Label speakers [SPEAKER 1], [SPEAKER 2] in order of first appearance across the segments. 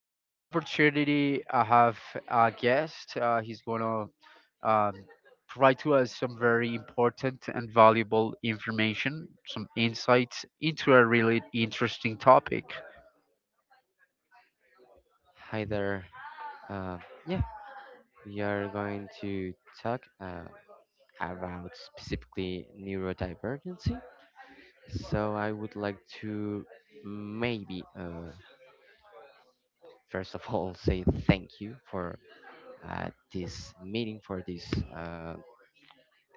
[SPEAKER 1] In this opportunity, I have a guest. He's gonna um, provide to us some very important and valuable information, some insights into a really interesting topic.
[SPEAKER 2] Hi there. Uh, yeah, we are going to talk about specifically neurodivergency. So I would like to maybe first of all say thank you for this meeting, for this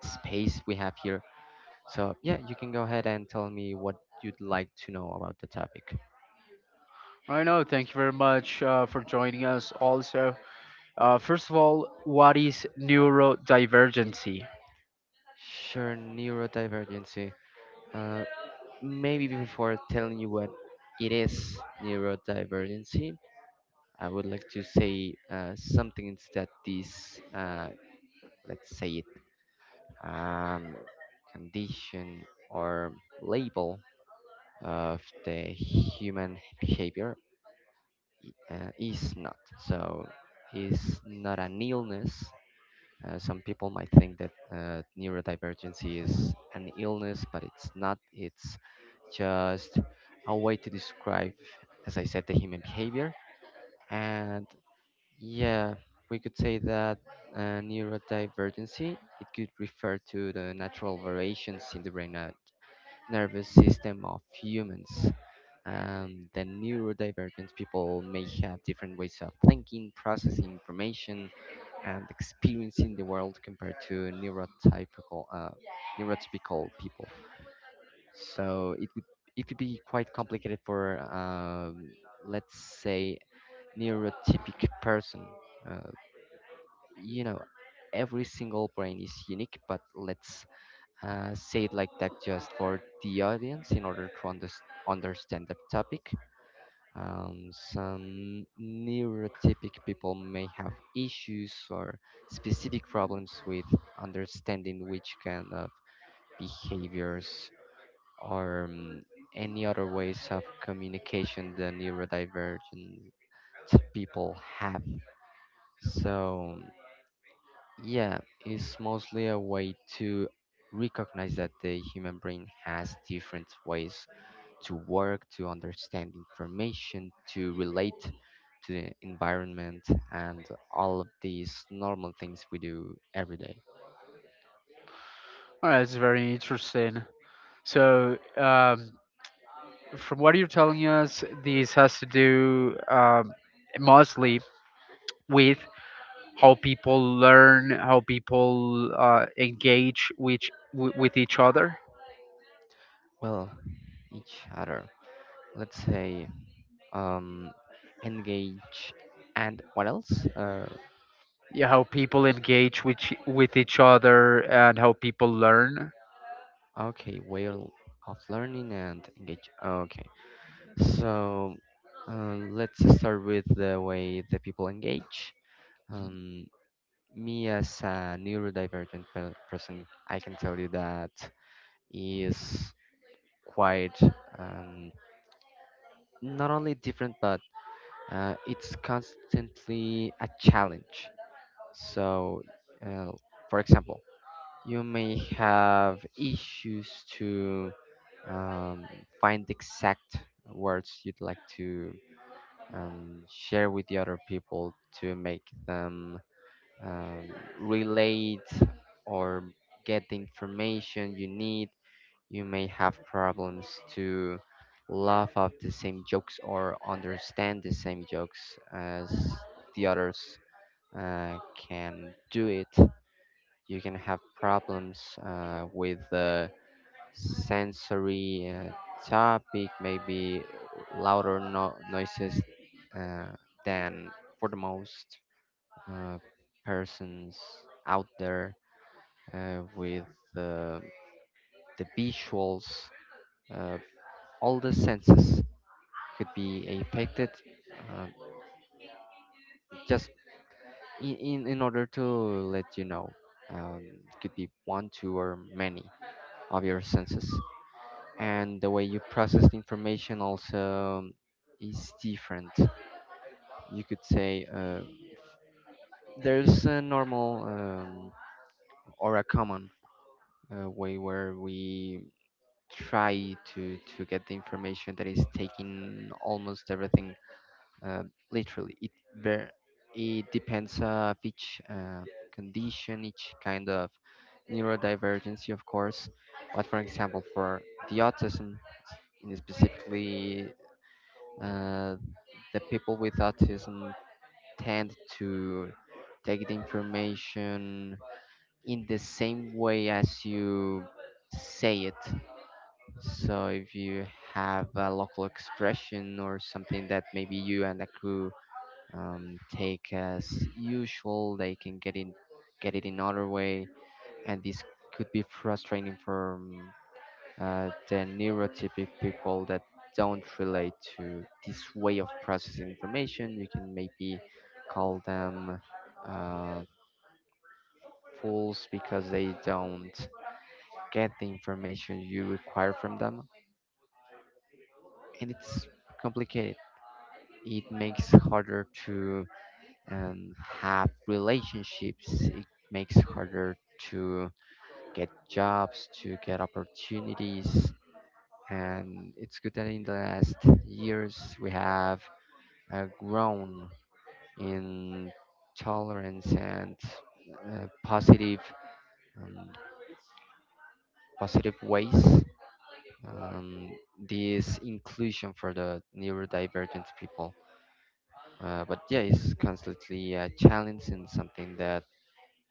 [SPEAKER 2] space we have here. So yeah, you can go ahead and tell me what you'd like to know about the topic.
[SPEAKER 1] I know. Thank you very much for joining us. Also, first of all, what is neurodivergency?
[SPEAKER 2] Sure, neurodivergency. Uh, Maybe before telling you what it is, neurodivergency. I would like to say something instead this, let's say it, um, condition or label of the human behavior uh, is not so is not an illness. Some people might think that neurodivergency is an illness, but it's not. It's just a way to describe, as I said, the human behavior. And Yeah, we could say that neurodivergency, it could refer to the natural variations in the brain and nervous system of humans. The neurodivergent people may have different ways of thinking, processing information, and experiencing the world compared to neurotypical neurotypical people. So it could be quite complicated for let's say, neurotypic person. Uh, you know, every single brain is unique, but let's say it like that just for the audience in order to understand the topic. Some neurotypic people may have issues or specific problems with understanding which kind of behaviors or any other ways of communication the neurodivergent people have, so yeah, it's mostly a way to recognize that the human brain has different ways to work, to understand information, to relate to the environment, and all of these normal things we do every day.
[SPEAKER 1] All right, it's very interesting. So, from what you're telling us, this has to do mostly with how people learn, how people engage with, with each other.
[SPEAKER 2] Well, each other. Let's say um, engage and what else?
[SPEAKER 1] Yeah, how people engage with with each other. And how people learn.
[SPEAKER 2] Okay, way of learning and engage. Okay. So let's start with the way the people engage. Um, Me as a neurodivergent person, I can tell you that is quite, um, not only different, but it's constantly a challenge. So, uh, for example, you may have issues to um, find the exact words you'd like to share with the other people to make them um, relate or get the information you need. You may have problems to laugh at the same jokes or understand the same jokes as the others can do it. You can have problems with sensory topic, maybe louder noises uh, than for the most uh, persons out there with uh, the visuals. Uh, all the senses could be affected uh, just in order to let you know. Um, could be one, two, or many of your senses. And the way you process the information also is different. You could say there's a normal or a common way where we try to get the information that is taking almost everything uh, literally. It depends of each condition, each kind of neurodivergency, of course. But for example, for the autism, in specifically, uh, the people with autism tend to take the information in the same way as you say it. So if you have a local expression or something that maybe you and the crew take as usual, they can get it in another way, and this could be frustrating for the neurotypic people that don't relate to this way of processing information. You can maybe call them uh, fools because they don't get the information you require from them, and it's complicated. It makes harder to have relationships. It makes harder to get jobs, to get opportunities, and it's good that in the last years we have grown in tolerance and positive um, positive ways, um, this inclusion for the neurodivergent people, but yeah, it's constantly a challenge and something that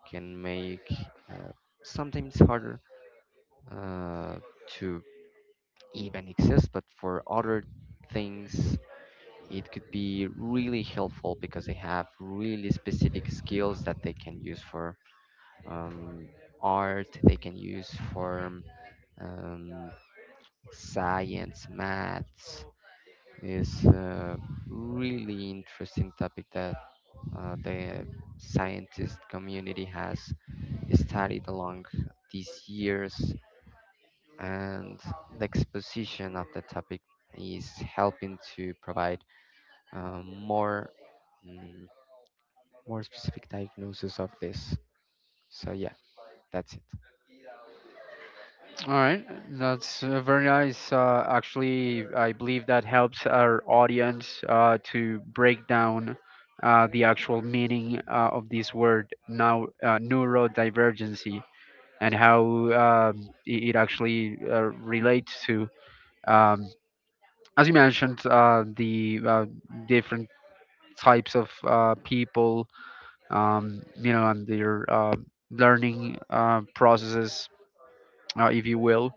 [SPEAKER 2] can make uh, sometimes harder uh, to even exist, but for other things it could be really helpful because they have really specific skills that they can use for um, art, they can use for um, science, maths. Is a really interesting topic that the scientist community has studied along these years, and the exposition of the topic is helping to provide more mm, more specific diagnosis of this, so yeah, that's it.
[SPEAKER 1] All right, that's very nice. Actually, I believe that helps our audience to break down the actual meaning of this word now, neurodivergency, and how it actually relates to um, as you mentioned, the different types of people, you know, and their learning processes, if you will.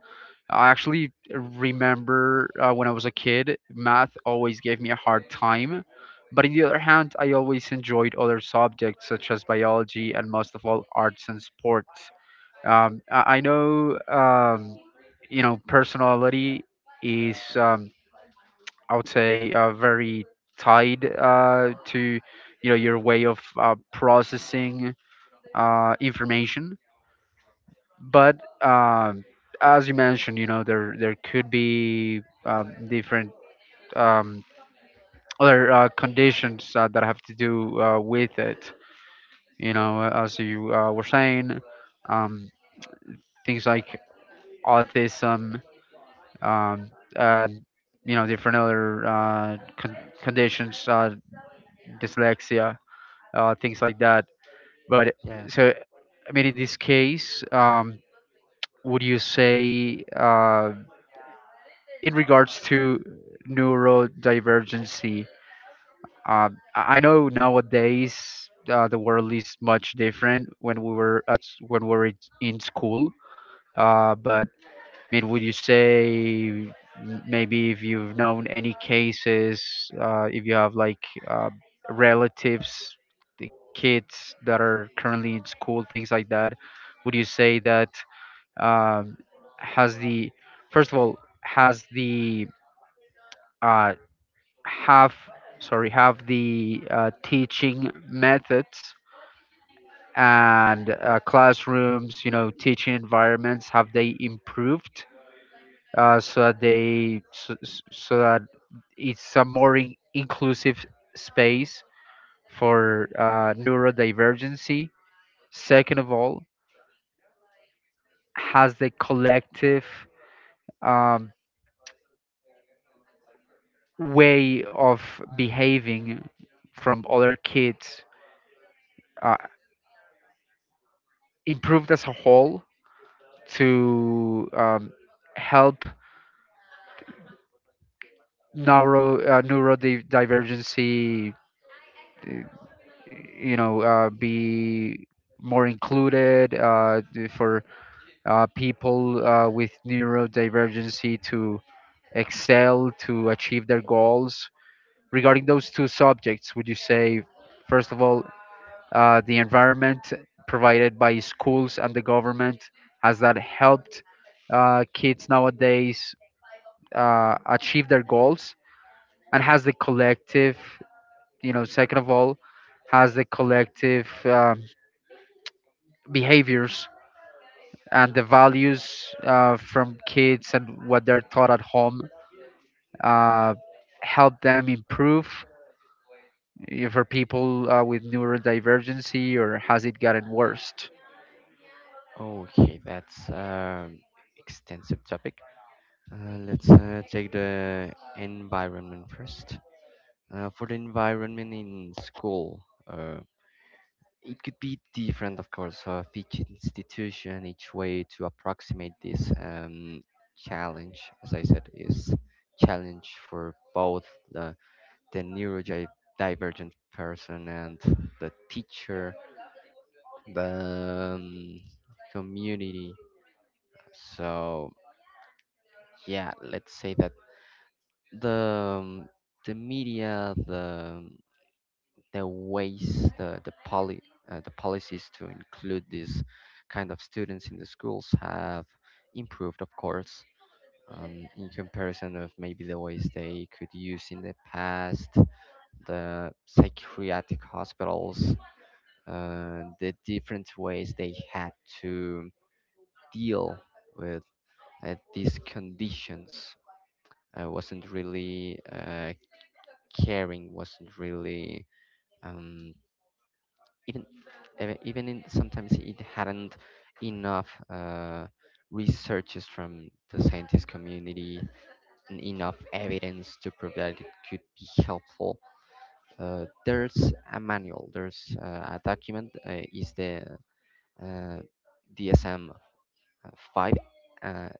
[SPEAKER 1] I actually remember when I was a kid, math always gave me a hard time. But on the other hand, I always enjoyed other subjects such as biology and most of all arts and sports. I know, you know, personality is I would say very tied to you know your way of processing information. But as you mentioned, you know there could be different um, other conditions that have to do with it. You know, as you were saying, um, things like autism and you know different other conditions, dyslexia, things like that. But
[SPEAKER 2] Yeah.
[SPEAKER 1] so, I mean, in this case, would you say, in regards to neurodivergency, I know nowadays the world is much different when we were in school. But I mean, would you say maybe if you've known any cases, if you have like relatives, the kids that are currently in school, things like that, would you say that um, has the, first of all, has the uh, have, sorry, have the teaching methods and classrooms, you know, teaching environments, have they improved? So that they so, so so that it's a more inclusive space for neurodivergency. Second of all, has the collective um, way of behaving from other kids uh, improved as a whole to help neurodivergency uh, you know be more included, for people with neurodivergency to excel, to achieve their goals. Regarding those two subjects, would you say, first of all, the environment provided by schools and the government, has that helped kids nowadays achieve their goals? And has the collective, you know, second of all, has the collective behaviors and the values from kids and what they're taught at home uh, help them improve, for people with neurodivergency, or has it gotten worse?
[SPEAKER 2] Okay, that's an extensive topic. Let's take the environment first. For the environment in school, it could be different, of course, of each institution, each way to approximate this, challenge. As I said, is challenge for both the, the neurodivergent person and the teacher, the community. So, yeah, let's say that the um, the media, the ways, the policies to include these kind of students in the schools have improved, of course, in comparison of maybe the ways they could use in the past, the psychiatric hospitals, the different ways they had to deal with these conditions wasn't really, caring, wasn't really, um, even even in, sometimes it hadn't enough researches from the scientist community and enough evidence to prove that it could be helpful. There's a manual. There's a document. Is the uh, DSM five uh,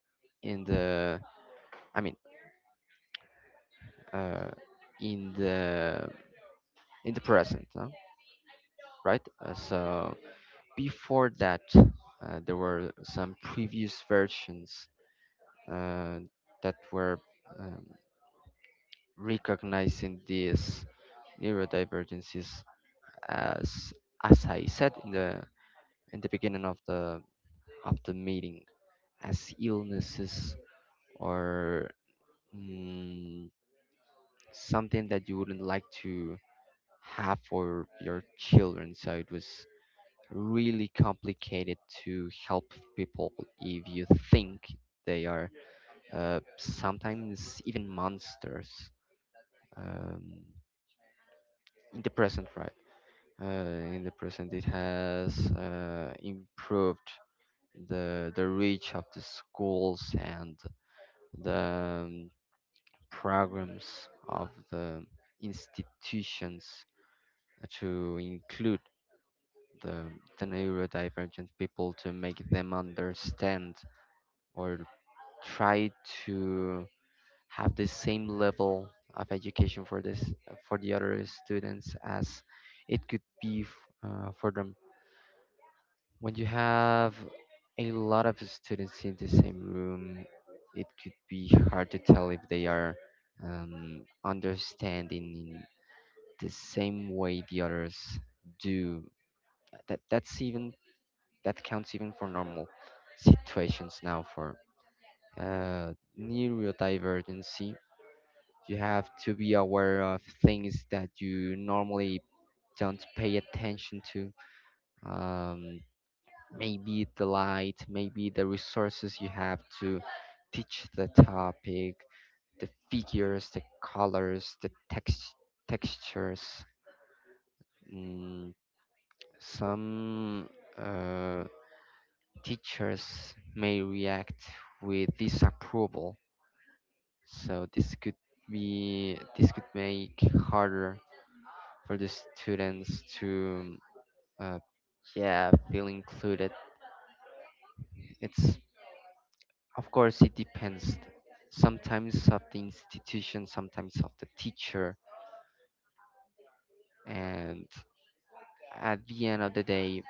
[SPEAKER 2] in the, I mean uh, in the, in the present, no? Right? So before that, there were some previous versions uh, that were um, recognizing these neurodivergencies as, as I said in the, in the beginning of the, of the meeting, as illnesses or mm, something that you wouldn't like to have for your children. So it was really complicated to help people if you think they are sometimes even monsters. Um, in the present, right? In the present, it has improved the reach of the schools and the programs of the institutions to include the, the neurodivergent people to make them understand or try to have the same level of education for this, for the other students as it could be for them. When you have a lot of students in the same room, it could be hard to tell if they are understanding the same way the others do. That's even, that counts even for normal situations, now for uh, neurodivergency. You have to be aware of things that you normally don't pay attention to. Um, Maybe the light, maybe the resources you have to teach the topic, the figures, the colors, the textures. Mm, some uh, teachers may react with disapproval, so this could make harder for the students to uh, yeah, feel included. It's, of course, it depends sometimes of the institution, sometimes of the teacher, and at the end of the day,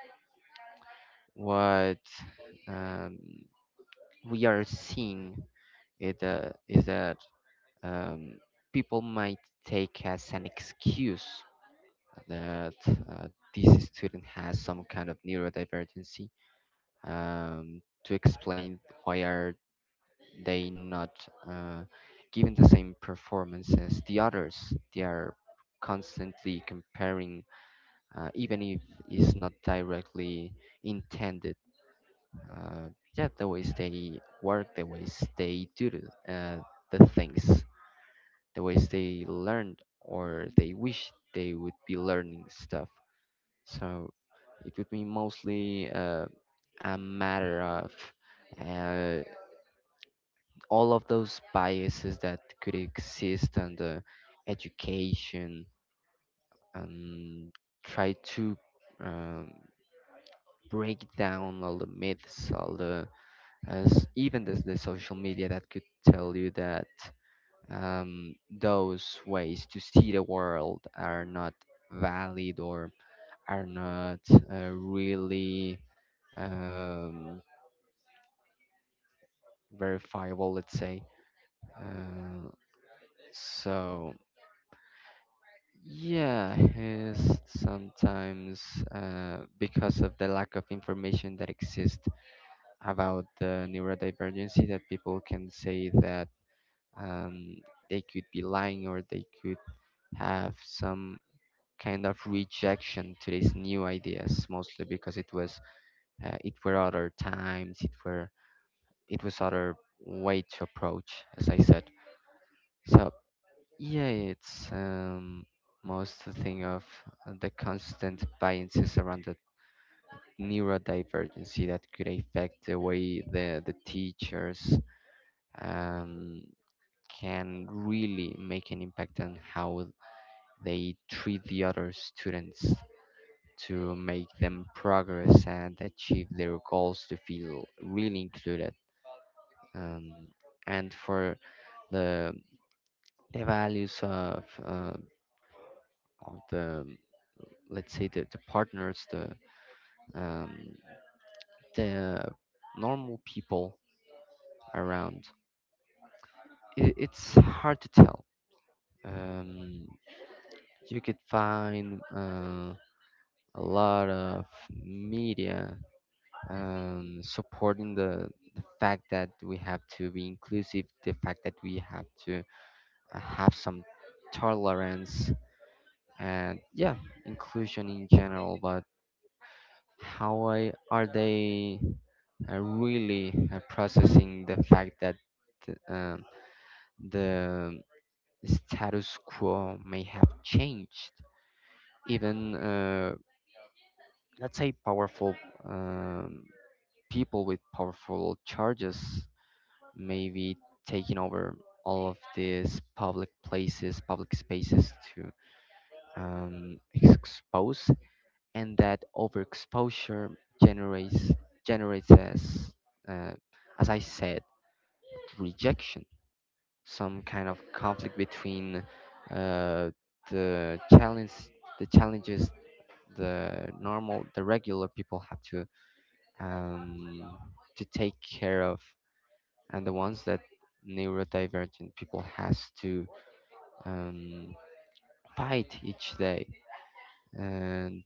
[SPEAKER 2] what um, we are seeing is that um, people might take as an excuse that this student has some kind of neurodivergency, to explain why are they not uh, giving the same performance as the others. They are constantly comparing, even if it's not directly intended. Uh, yeah, the ways they work, the ways they do the things, the ways they learned or they wish they would be learning stuff. So it would be mostly a matter of. Uh, all of those biases that could exist, and education, and try to um, break down all the myths, all the, as even the social media that could tell you that those ways to see the world are not valid or are not really um, verifiable, let's say. Uh, so Yeah, he's sometimes, because of the lack of information that exists about the neurodivergency, that people can say that um, they could be lying or they could have some kind of rejection to these new ideas, mostly because it was, it were other times, it were, it was other way to approach, as I said. So yeah, it's most the thing of the constant biases around the neurodivergency that could affect the way the teachers um, can really make an impact on how they treat the other students to make them progress and achieve their goals to feel really included. Um, and for the, the values of the, let's say the partners, um, the normal people around, it, it's hard to tell, um, you could find a lot of media supporting the fact that we have to be inclusive, the fact that we have to have some tolerance and yeah, inclusion in general. But how, are they really processing the fact that uh, the status quo may have changed? Even, let's say, powerful um, people with powerful charges may be taking over all of these public places, public spaces to expose, and that overexposure generates generates as uh, as I said, rejection, some kind of conflict between uh, the challenges the normal, the regular people have um, to take care of, and the ones that neurodivergent people has to um, fight each day. And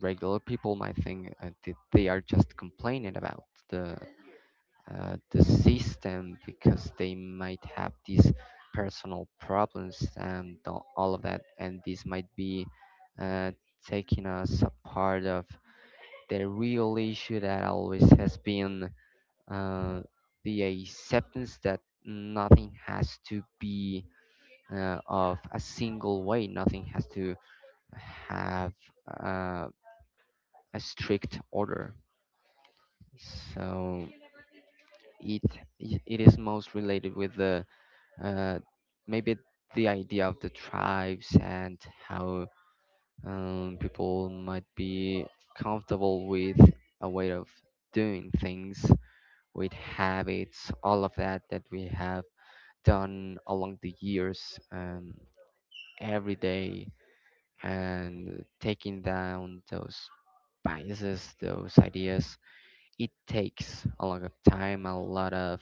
[SPEAKER 2] regular people might think that they are just complaining about the the system, because they might have these personal problems all of that, and this might be uh, taking us a part of the real issue that always has been uh, the acceptance that nothing has to be, of a single way, nothing has to have uh, a strict order. So it it is most related with the, uh, maybe, the idea of the tribes and how people might be comfortable with a way of doing things, with habits, all of that that we have done along the years, every day, and taking down those biases, those ideas, it takes a lot of time, a lot of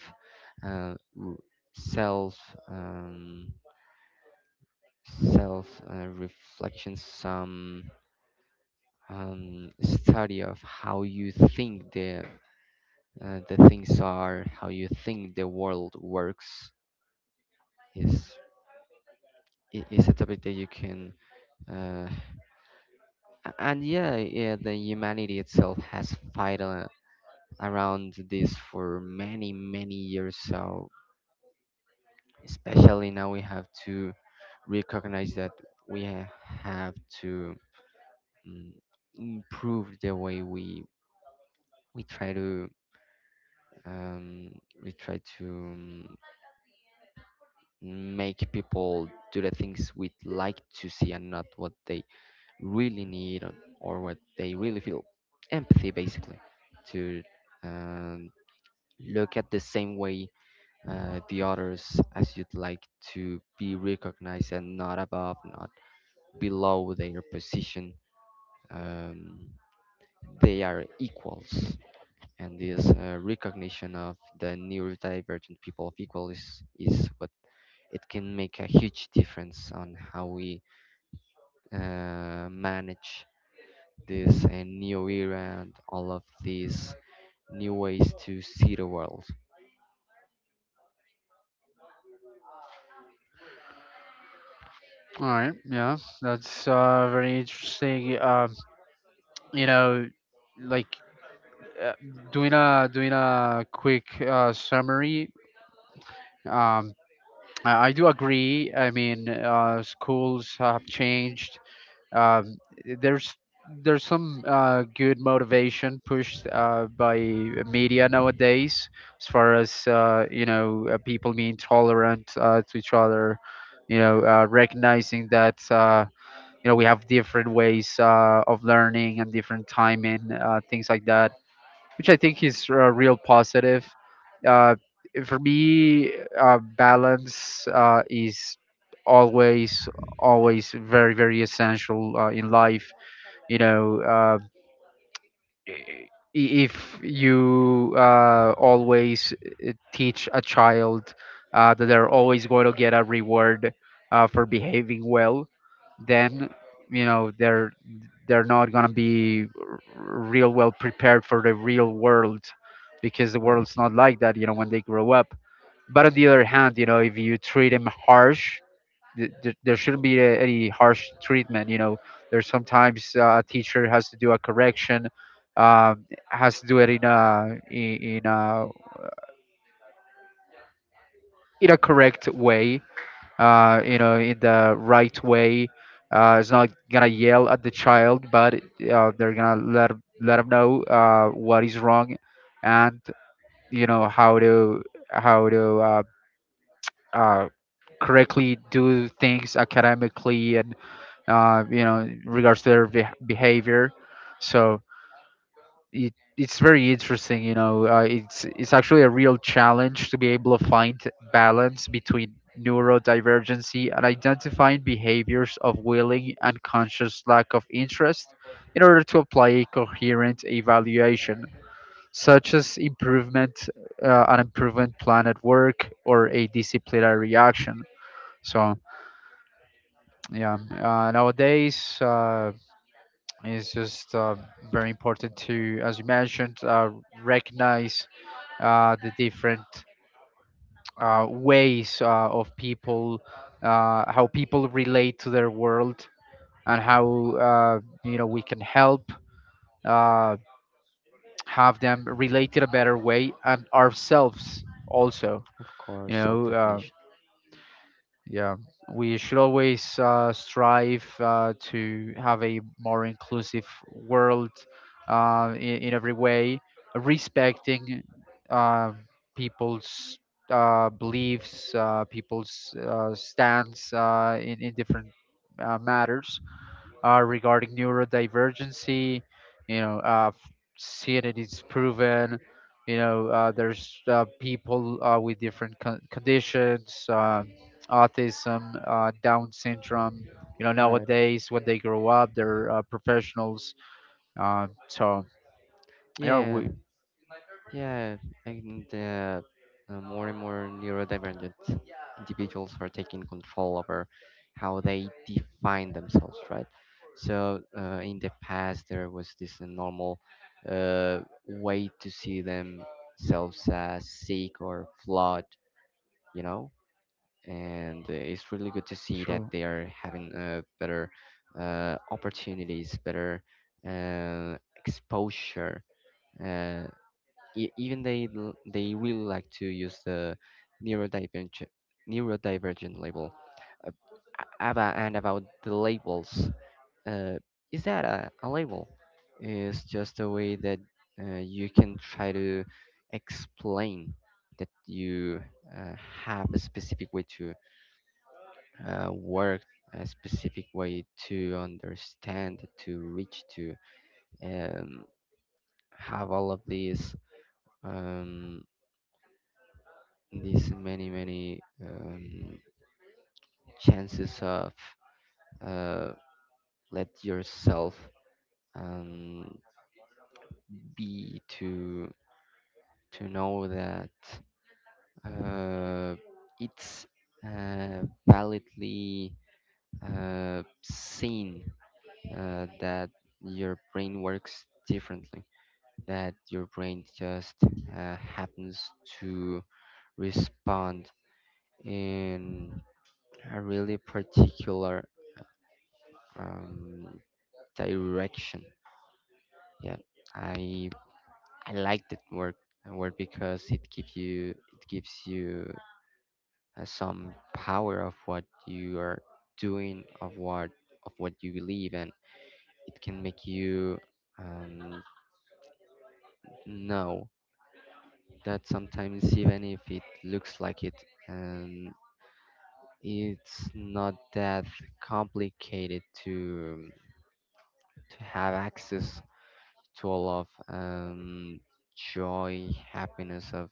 [SPEAKER 2] uh, r- self um, self reflection, some study of how you think the things are, how you think the world works, is is a topic that you can uh, and yeah, yeah, the humanity itself has fight around this for many, many years. So especially now we have to recognize that have to mm, improve the way we try to um, we try to, make people do the things we'd like to see and not what they really need, or what they really feel. Empathy, basically, to um, look at the same way the others as you'd like to be recognized, and not above, not below their position, um, they are equals. And this recognition of the neurodivergent people of equal is what it can make a huge difference on how we manage this new era and all of these new ways to see the world.
[SPEAKER 1] All right, yeah, that's very interesting. You know, like uh, doing a quick summary. Um, I do agree. I mean, schools have changed. Uh, there's there's some good motivation pushed by media nowadays, as far as you know, people being tolerant to each other. You know, recognizing that you know we have different ways of learning and different timing, things like that, which I think is a real positive. Uh, for me, balance is always, always very, very essential in life. You know, i- if you always teach a child that they're always going to get a reward for behaving well, then you know they're not going to be real well prepared for the real world because the world's
[SPEAKER 2] Right,
[SPEAKER 1] not like that, you know, when they grow up. But on the other hand, you know, if you treat them harsh, there shouldn't be any harsh treatment. You know, there's sometimes a teacher has to do a correction, has to do it in a correct way. You know, in the right way. It's not gonna yell at the child, but they're gonna let them know what is wrong, and you know how to uh, correctly do things academically and you know, in regards to their behavior. So it's very interesting, you know. It's actually a real challenge to be able to find balance between neurodivergency and identifying behaviors of willing and conscious lack of interest in order to apply a coherent evaluation, such as an improvement plan at work, or a disciplinary action. So yeah, nowadays. It's just very important to, as you mentioned, recognize the different ways of people, how people relate to their world, and how you know we can help uh, have them relate in a better way, and ourselves also.
[SPEAKER 2] of
[SPEAKER 1] You
[SPEAKER 2] course, self
[SPEAKER 1] know,
[SPEAKER 2] definition.
[SPEAKER 1] yeah, we should always strive to have a more inclusive world in every way, respecting uh, people's beliefs, people's stance in different matters regarding neurodivergency. You know, seeing it is proven. You know, there's people with different conditions, autism, Down syndrome. You know,
[SPEAKER 2] Right,
[SPEAKER 1] nowadays when they grow up, they're professionals. So yeah,
[SPEAKER 2] yeah,
[SPEAKER 1] we
[SPEAKER 2] yeah, and more and more neurodivergent individuals are taking control over how they define themselves, right? So in the past, there was this normal uh, way to see themselves as sick or flawed, you know? And it's really good to see that
[SPEAKER 1] True,
[SPEAKER 2] they are having better opportunities, better uh, exposure. Uh, Even they they will like to use the neurodivergent neurodivergent label. Uh, Ava, and about the labels, uh, is that a label? It's just a way that you can try to explain that you uh, have a specific way to work, a specific way to understand, to reach, to um, have all of these. Um, these many, many um, chances of uh, let yourself um, be, to know that uh, it's uh, validly seen that your brain works differently, that your brain just happens to respond in a really particular um, direction. Yeah, I I like that word, because it gives you, it gives you some power of what you are doing, of what, of what you believe, and it can make you um, know that sometimes, even if it looks like it, and it's not that complicated to have access to all of joy, happiness of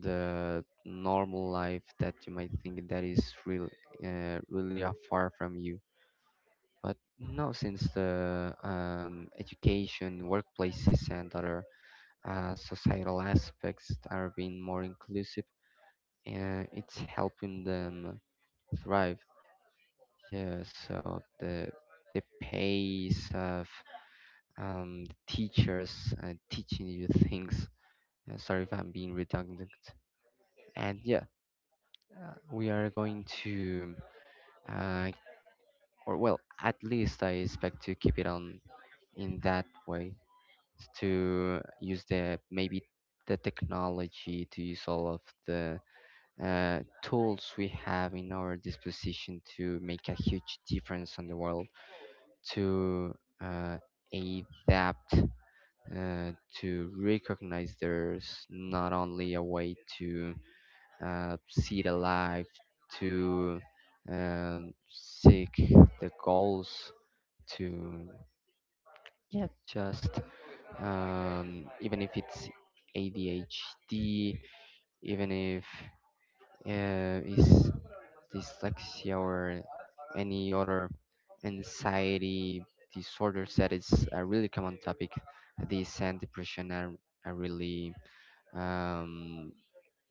[SPEAKER 2] the normal life that you might think that is real, really are far from you. But no, since the education, workplaces, and other societal aspects are being more inclusive, it's helping them thrive. Yeah, so the pace of teachers teaching you things. Sorry if I'm being redundant. And yeah, we are going to, I, or well, at least I expect to keep it on in that way, to use the, maybe, the technology, to use all of the tools we have in our disposition to make a huge difference on the world, to uh, adapt, uh, to recognize there's not only a way to see the life, to seek the goals, to yeah, just even if it's ADHD, even if it's dyslexia or any other anxiety disorders, that is a really common topic. This and depression are really um,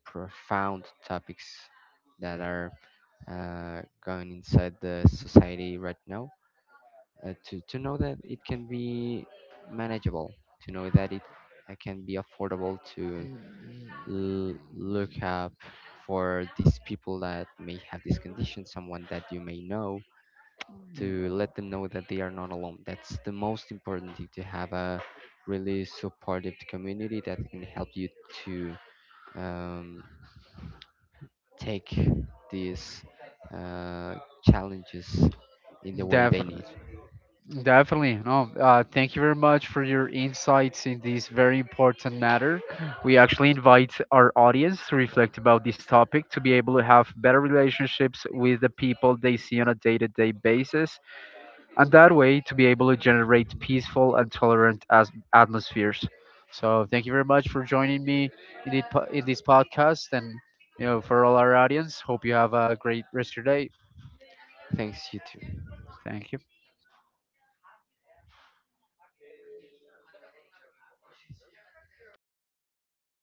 [SPEAKER 2] profound topics that are going inside the society right now. To know that it can be manageable, to know that it can be affordable to look up for these people that may have this condition, someone that you may know, to let them know that they are not alone. That's the most important thing, to have a really supportive community that can help you to um, take these uh, challenges in the way they
[SPEAKER 1] definitely.
[SPEAKER 2] need.
[SPEAKER 1] Definitely. No, Thank you very much for your insights in this very important matter. We actually invite our audience to reflect about this topic to be able to have better relationships with the people they see on a day to day basis, and that way to be able to generate peaceful and tolerant atmospheres. So, thank you very much for joining me in this podcast, and you know, for all our audience, hope you have a great rest of your day.
[SPEAKER 2] Thanks, you too.
[SPEAKER 1] Thank you.